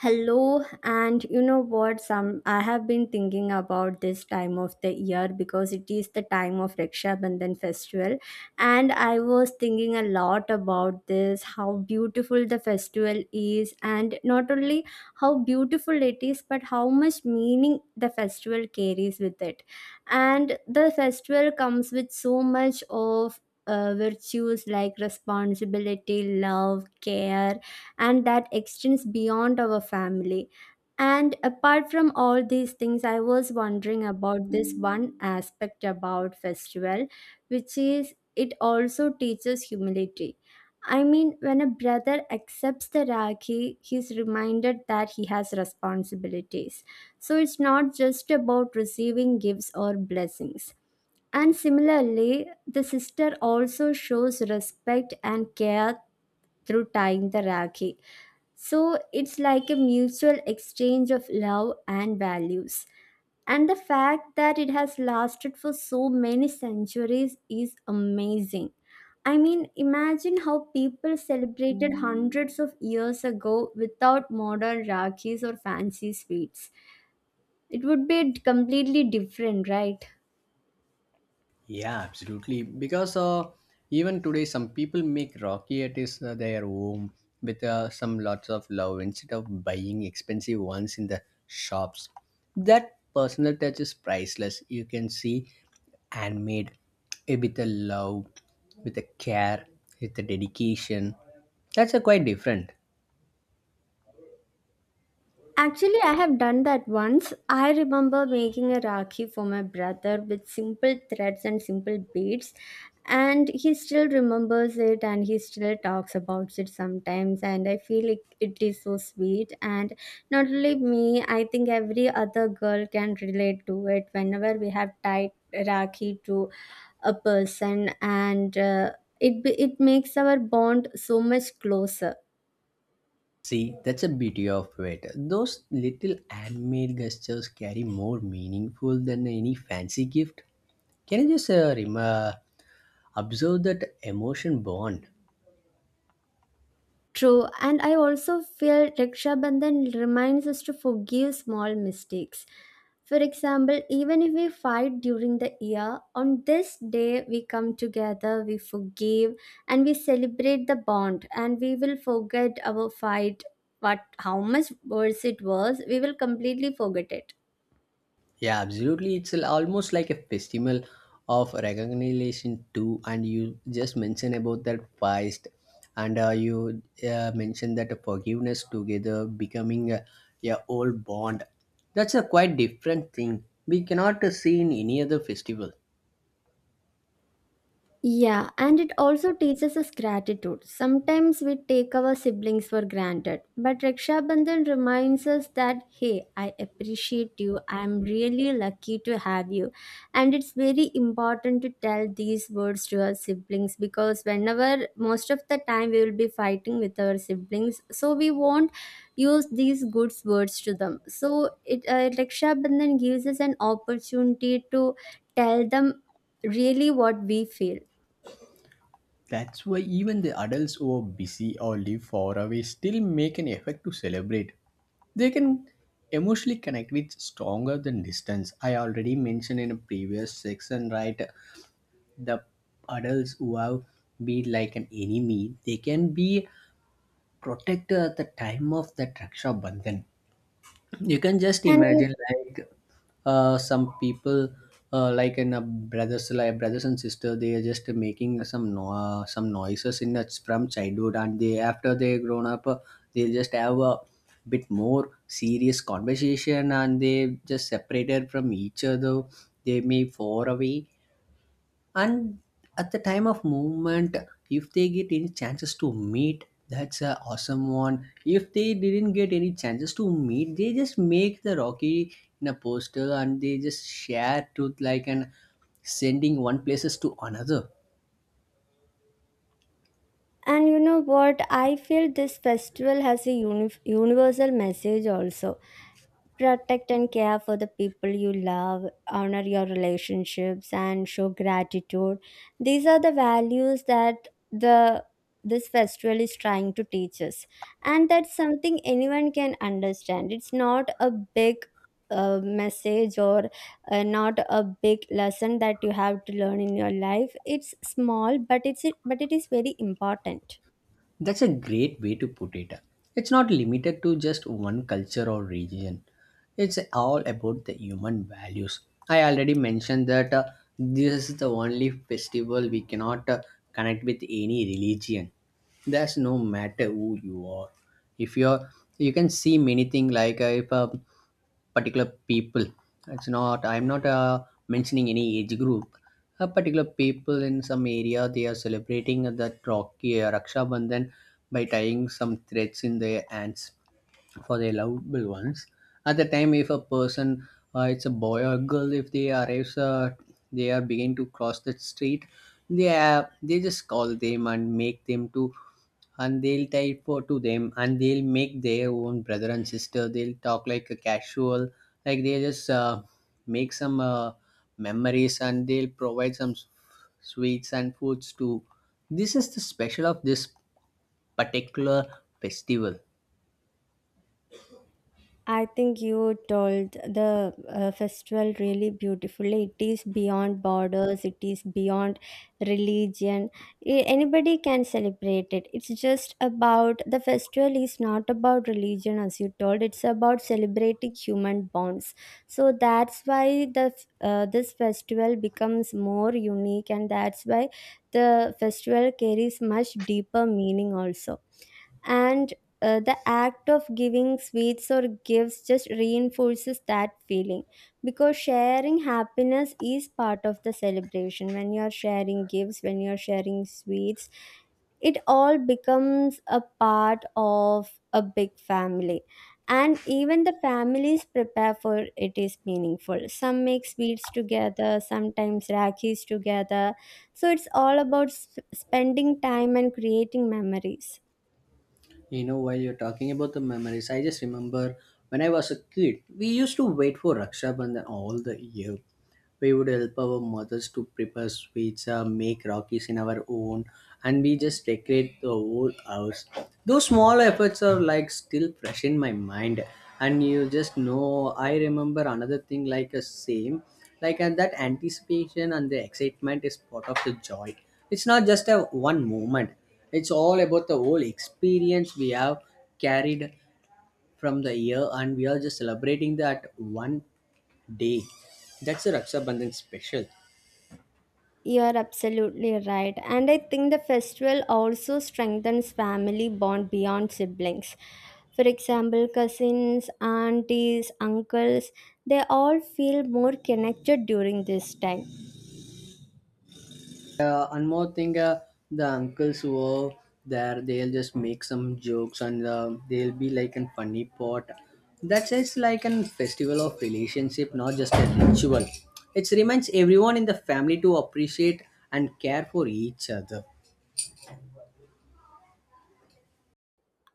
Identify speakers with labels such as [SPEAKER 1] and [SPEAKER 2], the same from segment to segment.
[SPEAKER 1] Hello, and you know what? Some I have been thinking about this time of the year because it is the time of Raksha Bandhan festival, and I was thinking a lot about this how beautiful the festival is, and not only how beautiful it is, but how much meaning the festival carries with it. And the festival comes with so much of virtues like responsibility, love, care, and that extends beyond our family. And apart from all these things, I was wondering about this one aspect about festival, which is it also teaches humility. I mean, when a brother accepts the Rakhi, he's reminded that he has responsibilities. So it's not just about receiving gifts or blessings. And similarly, the sister also shows respect and care through tying the Rakhi. So it's like a mutual exchange of love and values. And the fact that it has lasted for so many centuries is amazing. I mean, imagine how people celebrated hundreds of years ago without modern rakhis or fancy sweets. It would be completely different, right?
[SPEAKER 2] Yeah, absolutely. Because even today, some people make Rocky at their home with some lots of love instead of buying expensive ones in the shops. That personal touch is priceless. You can see handmade with a love, with a care, with a dedication. That's a quite different.
[SPEAKER 1] Actually, I have done that once. I remember making a rakhi for my brother with simple threads and simple beads, and he still remembers it and he still talks about it sometimes. And I feel it is so sweet. And not only me, I think every other girl can relate to it whenever we have tied rakhi to a person, and it makes our bond so much closer.
[SPEAKER 2] See, that's a beauty of it. Those little handmade gestures carry more meaningful than any fancy gift. Can you just observe that emotion bond?
[SPEAKER 1] True, and I also feel Raksha Bandhan reminds us to forgive small mistakes. For example, even if we fight during the year, on this day we come together, we forgive, and we celebrate the bond, and we will forget our fight. What, how much worse it was, we will completely forget it.
[SPEAKER 2] Yeah, absolutely. Almost like a festival of recognition too. And you just mentioned about that feast, and you mentioned that forgiveness together becoming a old bond. That's a quite different thing. We cannot see in any other festival.
[SPEAKER 1] Yeah, and it also teaches us gratitude. Sometimes we take our siblings for granted, but Raksha Bandhan reminds us that, hey, I appreciate you. I'm really lucky to have you. And it's very important to tell these words to our siblings because whenever most of the time we will be fighting with our siblings, so we won't use these good words to them. So it Raksha Bandhan gives us an opportunity to tell them really what we feel.
[SPEAKER 2] That's why even the adults who are busy or live far away still make an effort to celebrate. They can emotionally connect with stronger than distance. I already mentioned in a previous section, right? The adults who have been like an enemy, they can be protected at the time of that Raksha Bandhan. You can just
[SPEAKER 1] And you,
[SPEAKER 2] imagine like some people like in a brothers like brothers and sister they are just making some no- some noises in that's from childhood, and they after they grown up, they just have a bit more serious conversation and they just separated from each other. They may far away, and at the time of movement, if they get any chances to meet, that's a awesome one. If they didn't get any chances to meet, they just make the rocky in a poster and they just share truth like and sending one places to another.
[SPEAKER 1] and you know what? I feel this festival has a universal message also. Protect and care for the people you love, honor your relationships, and show gratitude. These are the values that the this festival is trying to teach us, and that's something anyone can understand. It's not a big message or not a big lesson that you have to learn in your life. It's small, but it is very important.
[SPEAKER 2] That's a great way to put it. It's not limited to just one culture or region. It's all about the human values. I already mentioned that this is the only festival we cannot connect with any religion. That's no matter who you are. If you're, you can see many things like if particular people, it's not, I'm not mentioning any age group, a particular people in some area they are celebrating that rocky, raksha bandhan, by tying some threads in their hands for their lovable ones. At the time if a person, it's a boy or girl, if they arrives, they are begin to cross the street, they just call them and make them to, and they'll type for to them and they'll make their own brother and sister. They'll talk like a casual, like they just make some memories, and they'll provide some sweets and foods too. This is the special of this particular festival.
[SPEAKER 1] I think you told the festival really beautifully. It is beyond borders, it is beyond religion. Anybody can celebrate it. It's just about the festival is not about religion, as you told. It's about celebrating human bonds. So that's why this festival becomes more unique, and that's why the festival carries much deeper meaning also. And the act of giving sweets or gifts just reinforces that feeling, because sharing happiness is part of the celebration. When you are sharing gifts, when you are sharing sweets, it all becomes a part of a big family. And even the families prepare for it is meaningful. Some make sweets together, sometimes rakis together. So it's all about spending time and creating memories.
[SPEAKER 2] You know, while you're talking about the memories, I just remember when I was a kid, we used to wait for Raksha Bandhan all the year. We would help our mothers to prepare sweets, make rakis in our own, and we just decorate the whole house. Those small efforts are like still fresh in my mind, and you just know. I remember another thing like a same, like and that anticipation and the excitement is part of the joy. It's not just a one moment. It's all about the whole experience we have carried from the year, and we are just celebrating that one day. That's a Raksha Bandhan special.
[SPEAKER 1] You are absolutely right. And I think the festival also strengthens family bond beyond siblings. For example, cousins, aunties, uncles, they all feel more connected during this time.
[SPEAKER 2] And more thing, the uncles who are there, they'll just make some jokes and they'll be like a funny pot. That's just like a festival of relationship, not just a ritual. It reminds everyone in the family to appreciate and care for each other.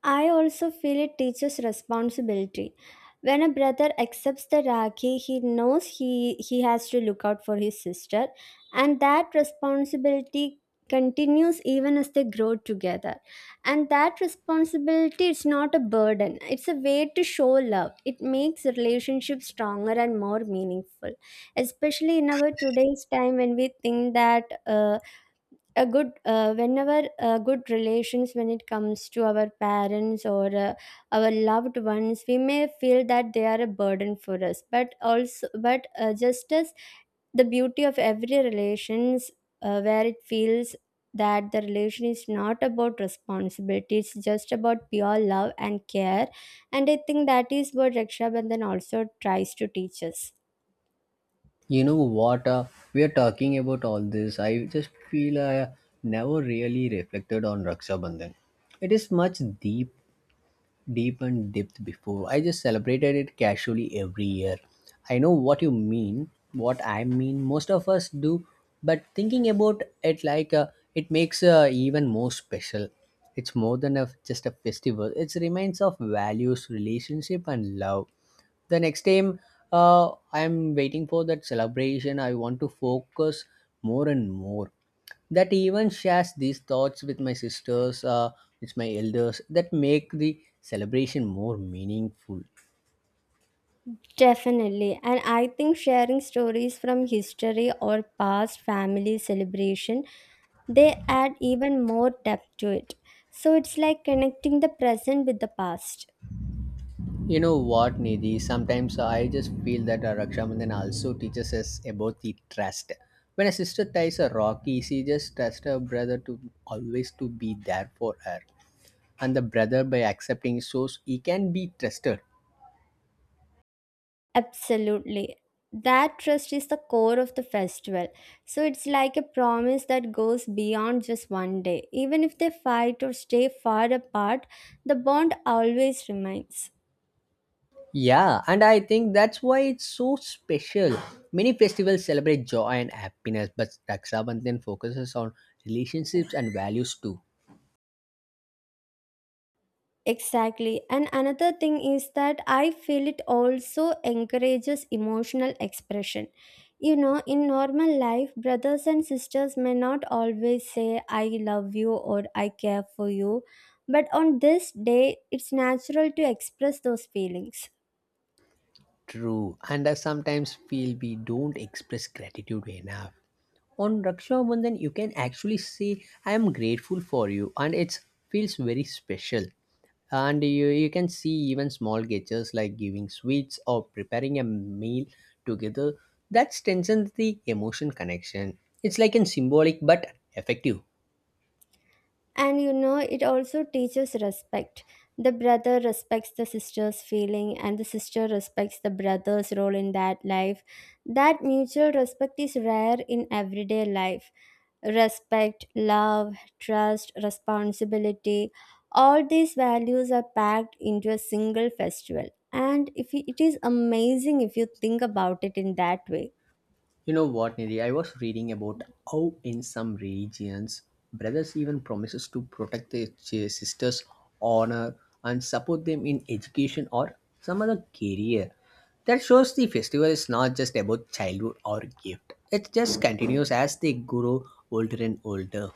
[SPEAKER 1] I also feel it teaches responsibility. When a brother accepts the Rakhi, he knows he has to look out for his sister, and that responsibility continues even as they grow together. And that responsibility is not a burden, it's a way to show love. It makes relationships stronger and more meaningful, especially in our today's time when we think that. A good whenever good relations when it comes to our parents or our loved ones, we may feel that they are a burden for us, but also but just as the beauty of every relations, where it feels that the relation is not about responsibility, it's just about pure love and care. And I think that is what Raksha Bandhan also tries to teach us.
[SPEAKER 2] You know what? We are talking about all this. I just feel I never really reflected on Raksha Bandhan. It is much deep, deep and depth before. I just celebrated it casually every year. I know what you mean, what I mean. Most of us do, but thinking about it like it makes even more special. It's more than just a festival. It reminds of values, relationship, and love the next time I'm waiting for that celebration. I want to focus more and more, that even shares these thoughts with my sisters, with my elders, that make the celebration more meaningful.
[SPEAKER 1] Definitely. And I think sharing stories from history or past family celebration, they add even more depth to it. So it's like connecting the present with the past.
[SPEAKER 2] You know what, Nidhi, sometimes I just feel that rakshamandhan also teaches us about the trust. When a sister ties a rocky, she just trusts her brother to always to be there for her, and the brother by accepting shows he can be trusted.
[SPEAKER 1] Absolutely. That trust is the core of the festival. So it's like a promise that goes beyond just one day. Even if they fight or stay far apart, the bond always remains.
[SPEAKER 2] Yeah, and I think that's why it's so special. Many festivals celebrate joy and happiness, but Raksha Bandhan focuses on relationships and values too.
[SPEAKER 1] Exactly. And another thing is that I feel it also encourages emotional expression. You know, in normal life, brothers and sisters may not always say, I love you or I care for you. But on this day, it's natural to express those feelings.
[SPEAKER 2] True, and I sometimes feel we don't express gratitude enough. On Raksha Bandhan, you can actually say, I am grateful for you, and it feels very special. And you can see even small gestures like giving sweets or preparing a meal together, that strengthens the emotion connection. It's like a symbolic but effective.
[SPEAKER 1] And you know, it also teaches respect. The brother respects the sister's feeling, and the sister respects the brother's role in that life. That mutual respect is rare in everyday life. Respect, love, trust, responsibility. All these values are packed into a single festival. And if you- it is amazing if you think about it in that way.
[SPEAKER 2] You know what, Nidhi? I was reading about how in some regions, brothers even promises to protect their sisters' honor and support them in education or some other career. That shows the festival is not just about childhood or gift. It just continues as they grow older and older.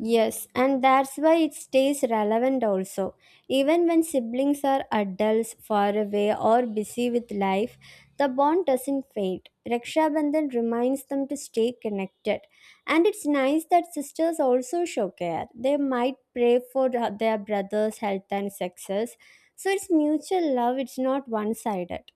[SPEAKER 1] Yes, and that's why it stays relevant also. Even when siblings are adults, far away, or busy with life, the bond doesn't fade. Raksha Bandhan reminds them to stay connected. And it's nice that sisters also show care. They might pray for their brother's health and success. So it's mutual love, it's not one sided.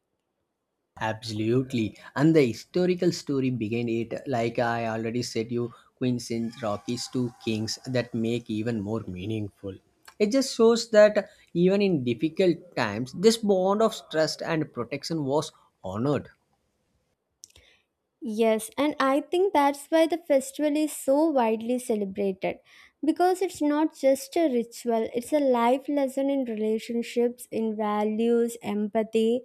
[SPEAKER 2] Absolutely. And the historical story behind it, like I already said you, Queens in Rockies to Kings, that make even more meaningful. It just shows that even in difficult times, this bond of trust and protection was honored.
[SPEAKER 1] Yes, and I think that's why the festival is so widely celebrated, because it's not just a ritual, it's a life lesson in relationships, in values, empathy.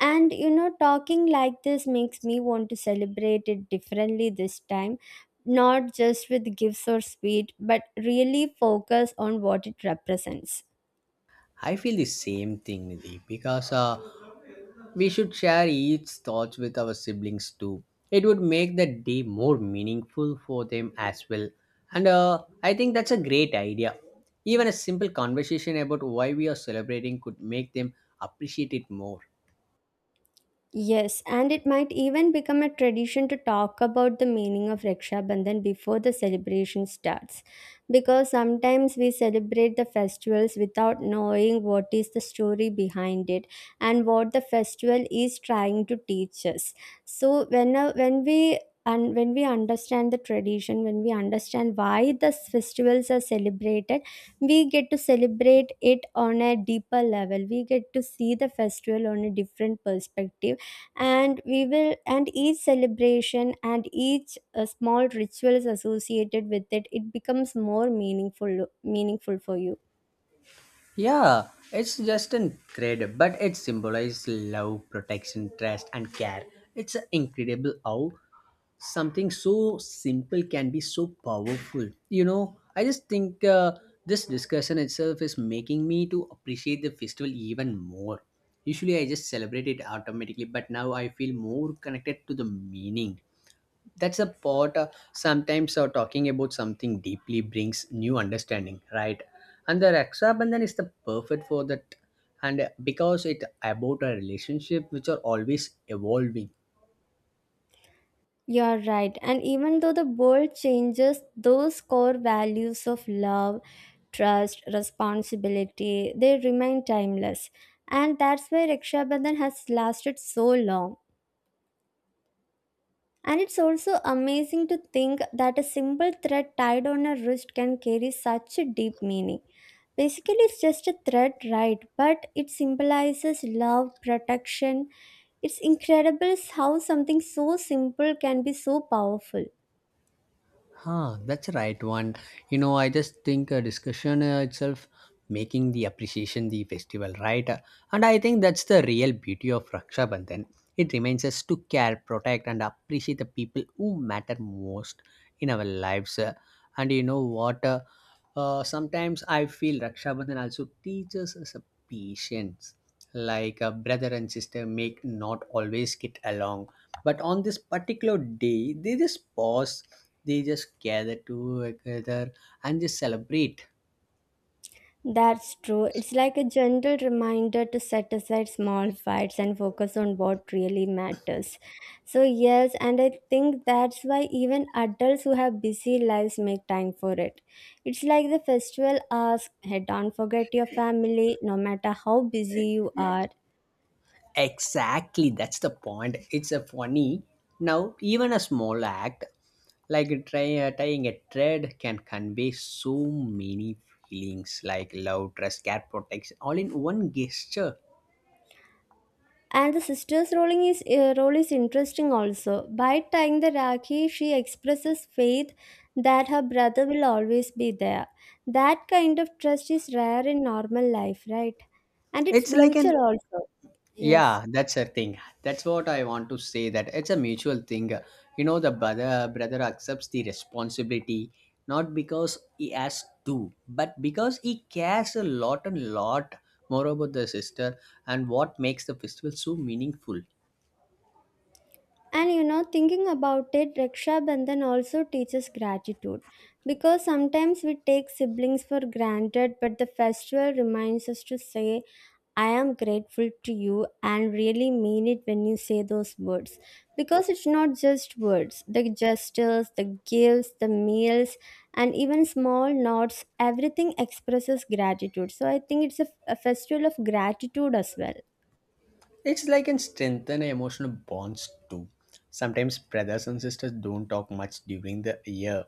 [SPEAKER 1] And you know, talking like this makes me want to celebrate it differently this time, not just with gifts or sweet, but really focus on what it represents.
[SPEAKER 2] I feel the same thing, Nidhi, because we should share each thoughts with our siblings too. It would make the day more meaningful for them as well. And I think that's a great idea. Even a simple conversation about why we are celebrating could make them appreciate it more.
[SPEAKER 1] Yes, and it might even become a tradition to talk about the meaning of Raksha Bandhan before the celebration starts. Because sometimes we celebrate the festivals without knowing what is the story behind it and what the festival is trying to teach us. So when we and when we understand the tradition, when we understand why the festivals are celebrated, we get to celebrate it on a deeper level. We get to see the festival on a different perspective, and we will and each celebration and each small rituals associated with it, it becomes more meaningful meaningful for you.
[SPEAKER 2] Yeah, it's just an thread, but it symbolizes love, protection, trust, and care. It's incredible how something so simple can be so powerful. You know, I just think this discussion itself is making me to appreciate the festival even more. Usually I just celebrate it automatically, but now I feel more connected to the meaning. That's a part, sometimes talking about something deeply brings new understanding, right? And the raksha bandhan is the perfect for that. And because it about a relationship which are always evolving.
[SPEAKER 1] You're right, and even though the world changes, those core values of love, trust, responsibility, they remain timeless. And that's why Raksha Bandhan has lasted so long. And it's also amazing to think that a simple thread tied on a wrist can carry such a deep meaning. Basically, it's just a thread, right? But it symbolizes love, protection. It's incredible how something so simple can be so powerful.
[SPEAKER 2] Huh, that's right one. You know, I just think discussion itself making the appreciation the festival, right? And I think that's the real beauty of Raksha Bandhan. It reminds us to care, protect, and appreciate the people who matter most in our lives. And you know what? Sometimes I feel Raksha Bandhan also teaches us patience, like a brother and sister may not always get along, but on this particular day they just pause, they just gather together, and just celebrate.
[SPEAKER 1] That's true. It's like a gentle reminder to set aside small fights and focus on what really matters. So, yes, and I think that's why even adults who have busy lives make time for it. It's like the festival asks, hey, don't forget your family, no matter how busy you are.
[SPEAKER 2] Exactly, that's the point. It's a funny now, even a small act, like tying a thread, can convey so many feelings like love, trust, care, protection, all in one gesture.
[SPEAKER 1] And the sister's role is interesting also. By tying the Rakhi, she expresses faith that her brother will always be there. That kind of trust is rare in normal life, right? And it's
[SPEAKER 2] It's like an.
[SPEAKER 1] mutual also. Yes.
[SPEAKER 2] Yeah, that's a thing. That's what I want to say. That it's a mutual thing. You know, the brother accepts the responsibility not because he has to, but because he cares a lot and lot more about the sister, and what makes the festival so meaningful.
[SPEAKER 1] And you know, thinking about it, Raksha Bandhan also teaches gratitude, because sometimes we take siblings for granted, but the festival reminds us to say I am grateful to you and really mean it when you say those words. Because it's not just words, the gestures, the gifts, the meals, and even small nods, everything expresses gratitude. So I think it's a festival of gratitude as well.
[SPEAKER 2] It's like and strengthen emotional bonds too. Sometimes brothers and sisters don't talk much during the year,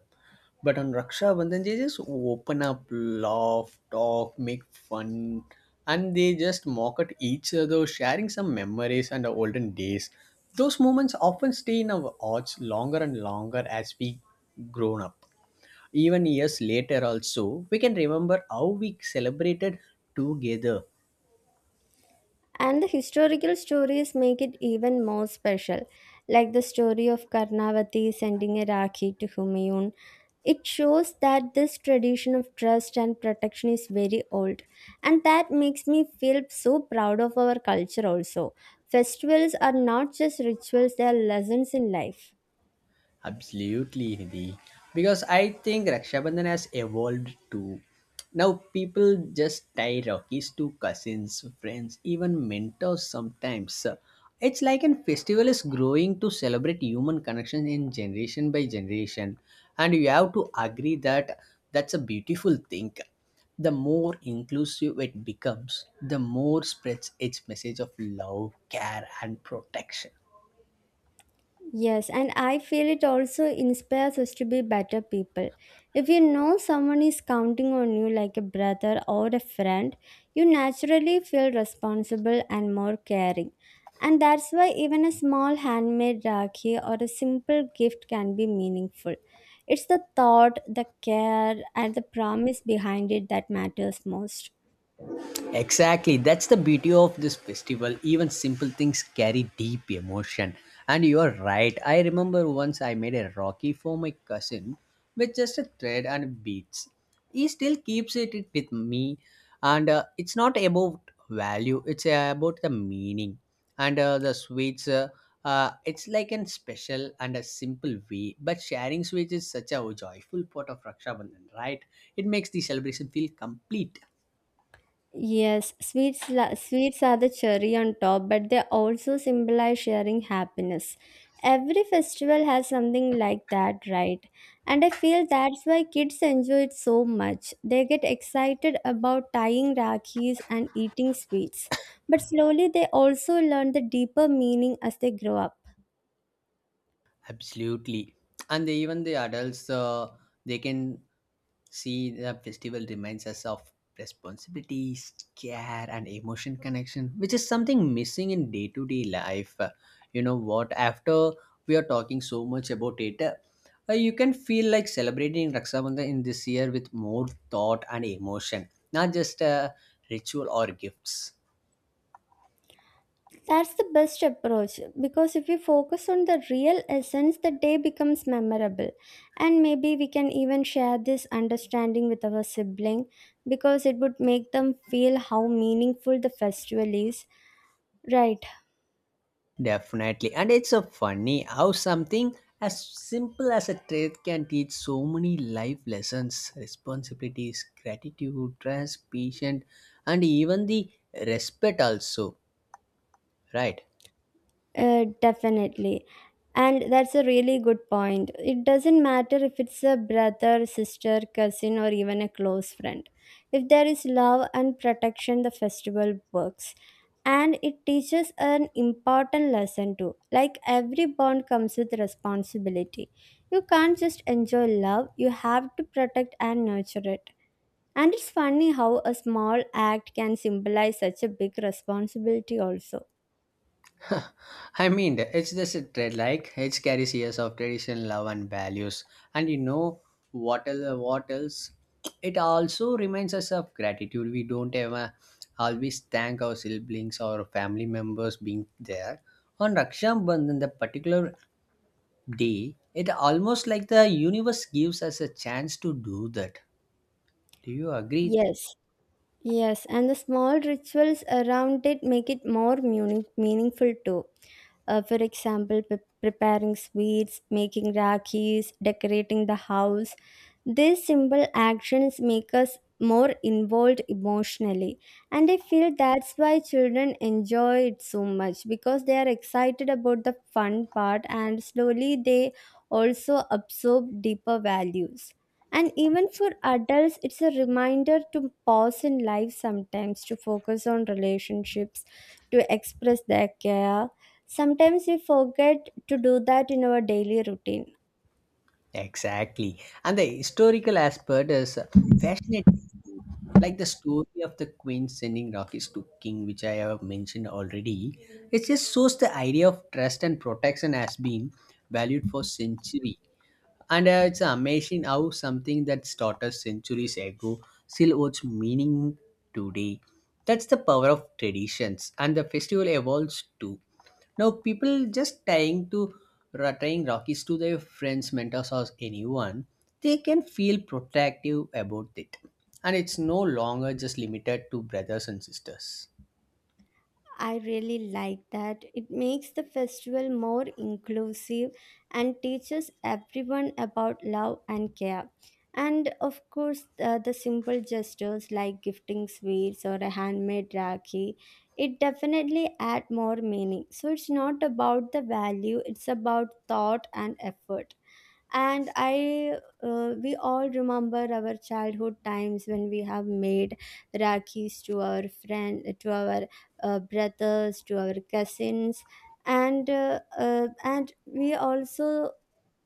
[SPEAKER 2] but on Raksha Bandhan they just open up, laugh, talk, make fun, and they just mock at each other, sharing some memories and the olden days. Those moments often stay in our hearts longer and longer as we grown up. Even years later, also we can remember how we celebrated together.
[SPEAKER 1] And the historical stories make it even more special, like the story of Karnavati sending a Rakhi to Humayun. It shows that this tradition of trust and protection is very old, and that makes me feel so proud of our culture also. Festivals are not just rituals, they are lessons in life.
[SPEAKER 2] Absolutely, Nidhi. Because I think Raksha Bandhan has evolved too. Now people just tie rakis to cousins, friends, even mentors sometimes. It's like an festival is growing to celebrate human connection in generation by generation. And you have to agree that that's a beautiful thing. The more inclusive it becomes, the more spreads its message of love, care, and protection.
[SPEAKER 1] Yes, and I feel it also inspires us to be better people. If you know someone is counting on you like a brother or a friend, you naturally feel responsible and more caring. And that's why even a small handmade rakhi or a simple gift can be meaningful. It's the thought, the care, and the promise behind it that matters most.
[SPEAKER 2] Exactly, that's the beauty of this festival. Even simple things carry deep emotion. And you're right, I remember once I made a Rocky for my cousin with just a thread and beads. He still keeps it with me, and it's not about value, it's about the meaning. And uh, the sweets, it's like an special and a simple way, but sharing sweets is such a joyful part of Raksha Bandhan, right? It makes the celebration feel complete.
[SPEAKER 1] Yes, sweets are the cherry on top, but they also symbolize sharing happiness. Every festival has something like that, right? And I feel that's why kids enjoy it so much. They get excited about tying rakhis and eating sweets. But slowly they also learn the deeper meaning as they grow up.
[SPEAKER 2] Absolutely. And they, even the adults, they can see the festival reminds us of responsibilities, care, and emotion connection, which is something missing in day to day life. You know what? After we are talking so much about it, you can feel like celebrating Raksha Bandhan in this year with more thought and emotion, not just a ritual or gifts.
[SPEAKER 1] That's the best approach because if we focus on the real essence, the day becomes memorable. And maybe we can even share this understanding with our sibling because it would make them feel how meaningful the festival is. Right.
[SPEAKER 2] Definitely. And it's so funny how something as simple as a trade can teach so many life lessons, responsibilities, gratitude, trust, patience, and even the respect also, right?
[SPEAKER 1] Definitely. And that's a really good point. It doesn't matter if it's a brother, sister, cousin, or even a close friend. If there is love and protection, the festival works. And it teaches an important lesson too, like every bond comes with responsibility. You can't just enjoy love, you have to protect and nurture it. And it's funny how a small act can symbolize such a big responsibility, also.
[SPEAKER 2] I mean, it's just a trade. Like it carries years of tradition, love, and values. And you know what else? What else? It also reminds us of gratitude. We don't ever always thank our siblings or family members being there. On Raksha Bandhan, the particular day, it almost like the universe gives us a chance to do that. Do you agree?
[SPEAKER 1] Yes. Yes, and the small rituals around it make it more meaningful too. For example, preparing sweets, making rakhis, decorating the house. These simple actions make us more involved emotionally. And I feel that's why children enjoy it so much because they are excited about the fun part, and slowly they also absorb deeper values. And even for adults, it's a reminder to pause in life sometimes, to focus on relationships, to express their care. Sometimes we forget to do that in our daily routine.
[SPEAKER 2] Exactly. And the historical aspect is fascinating. Like the story of the queen sending rockets to king, which I have mentioned already. It just shows the idea of trust and protection has been valued for centuries. And it's amazing how something that started centuries ago still holds meaning today. That's the power of traditions, and the festival evolves too. Now, people just tying Rockies to their friends, mentors, or anyone, they can feel protective about it, and it's no longer just limited to brothers and sisters.
[SPEAKER 1] I really like that. It makes the festival more inclusive and teaches everyone about love and care. And of course, the simple gestures like gifting sweets or a handmade rakhi, it definitely add more meaning. So it's not about the value, it's about thought and effort. And I we all remember our childhood times when we have made rakhis to our friend, to our brothers, to our cousins. And and we also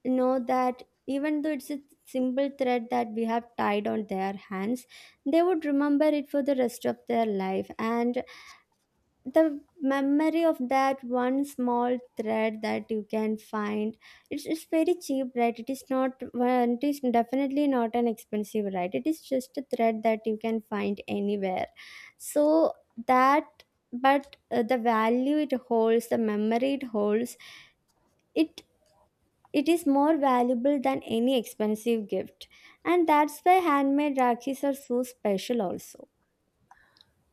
[SPEAKER 1] know that even though it's a simple thread that we have tied on their hands, they would remember it for the rest of their life. And the memory of that one small thread that you can find, it's very cheap, right? It is not, well, it is definitely not an expensive, right? It is just a thread that you can find anywhere. So that, but the value it holds, the memory it holds, it it is more valuable than any expensive gift. And that's why handmade rakhis are so special also.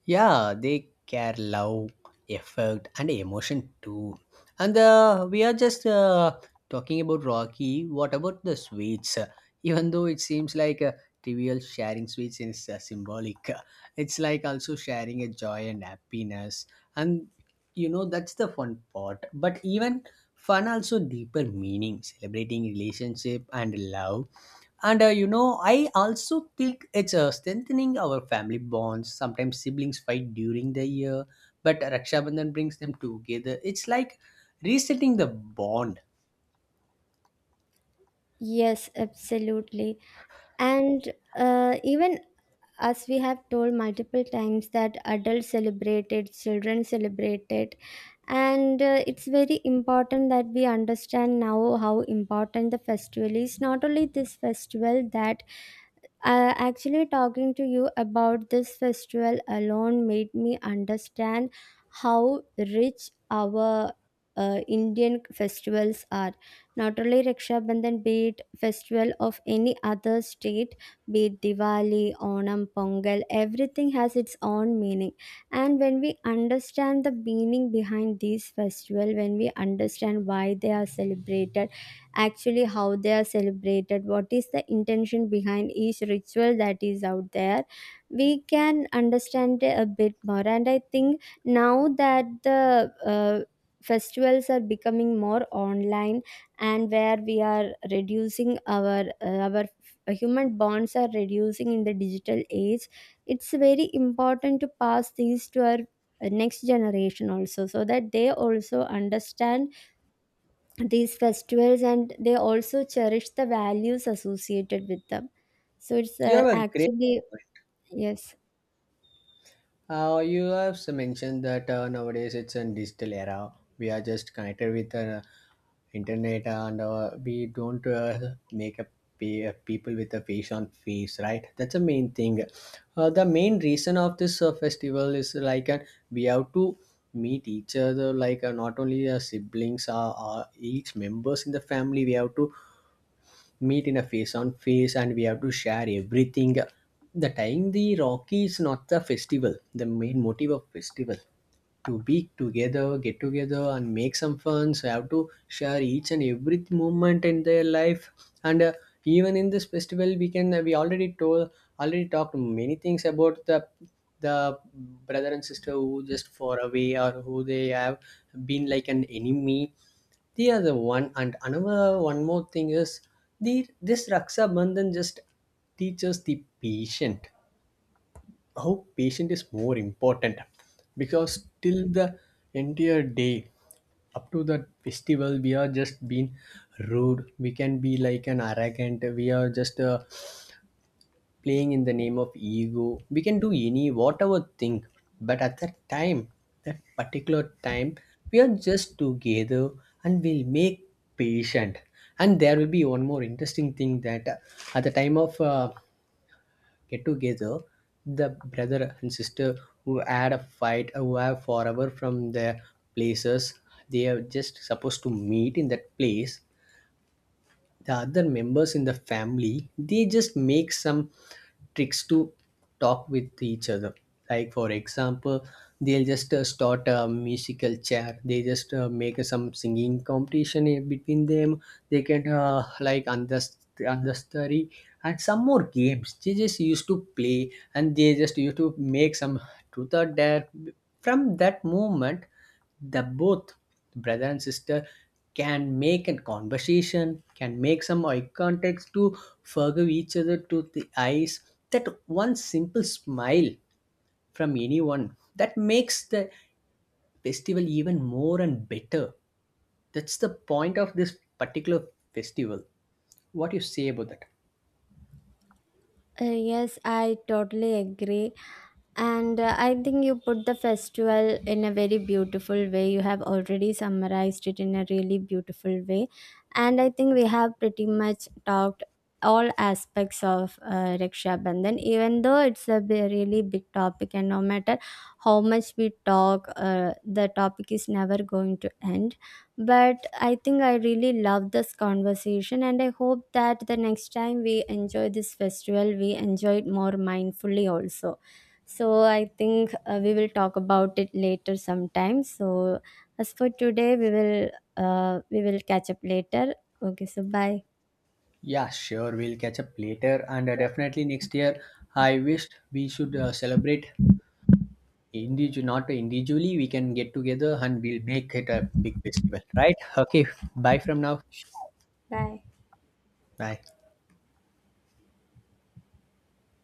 [SPEAKER 2] Yeah, they care, love, effort, and emotion too. And we are just talking about rocky. What about the sweets? Even though it seems like trivial, sharing sweets is symbolic. It's like also sharing a joy and happiness. And you know that's the fun part, but even fun also deeper meaning, celebrating relationship and love. And you know, I also think it's strengthening our family bonds. Sometimes siblings fight during the year, but Raksha Bandhan brings them together. It's like resetting the bond.
[SPEAKER 1] Yes, absolutely. And even as we have told multiple times that adults celebrate it, children celebrate it. And it's very important that we understand now how important the festival is. Not only this festival, that actually, talking to you about this festival alone made me understand how rich our Indian festivals are. Not only Raksha Bandhan, be it festival of any other state, be it Diwali, Onam, Pongal, everything has its own meaning. And when we understand the meaning behind these festivals, when we understand why they are celebrated, actually how they are celebrated, what is the intention behind each ritual that is out there, we can understand a bit more. And I think now that the festivals are becoming more online, and where we are reducing our human bonds are reducing in the digital age, it's very important to pass these to our next generation also, so that they also understand these festivals and they also cherish the values associated with them. So it's
[SPEAKER 2] You
[SPEAKER 1] uh,
[SPEAKER 2] have a great.
[SPEAKER 1] actually yes.
[SPEAKER 2] You have mentioned that nowadays it's a digital era. We are just connected with the internet, and we don't make a people with a face on face, right? That's the main thing. The main reason of this festival is like we have to meet each other, like not only siblings, each members in the family, we have to meet in a face on face, and we have to share everything. The time the rocky is not the festival, the main motive of festival to be together, get together, and make some fun. So I have to share each and every moment in their life. And even in this festival, we can we already told already talked many things about the brother and sister who just far away, or who they have been like an enemy. They are the one, and another one more thing is the this raksha bandhan just teaches the patient, how patient is more important, because till the entire day, up to the festival, we are just being rude. We can be like an arrogant, we are just playing in the name of ego, we can do any whatever thing, but at that time, that particular time, we are just together, and we'll make patient. And there will be one more interesting thing that at the time of get together, the brother and sister who had a fight, who are forever from their places, they are just supposed to meet in that place. The other members in the family, they just make some tricks to talk with each other. Like for example, they'll just start a musical chair. They just make some singing competition in between them. They can like understudy and some more games. They just used to play, and they just used to make some truth or dare. From that moment, the both brother and sister can make a conversation, can make some eye contacts to forgive each other to the eyes. That one simple smile from anyone that makes the festival even more and better. That's the point of this particular festival. What you say about that?
[SPEAKER 1] Yes, I totally agree. And I think you put the festival in a very beautiful way. You have already summarized it in a really beautiful way. And I think we have pretty much talked all aspects of Raksha Bandhan, even though it's a really big topic, and no matter how much we talk, the topic is never going to end. But I think I really love this conversation, and I hope that the next time we enjoy this festival, we enjoy it more mindfully also. So I think we will talk about it later sometime. So as for today, we will catch up later. Okay, so bye.
[SPEAKER 2] Yeah, sure, we'll catch up later. And definitely next year, I wished we should celebrate individual, not individually, we can get together, and we'll make it a big festival, right? Okay, bye from now.
[SPEAKER 1] Sure. Bye.
[SPEAKER 2] Bye.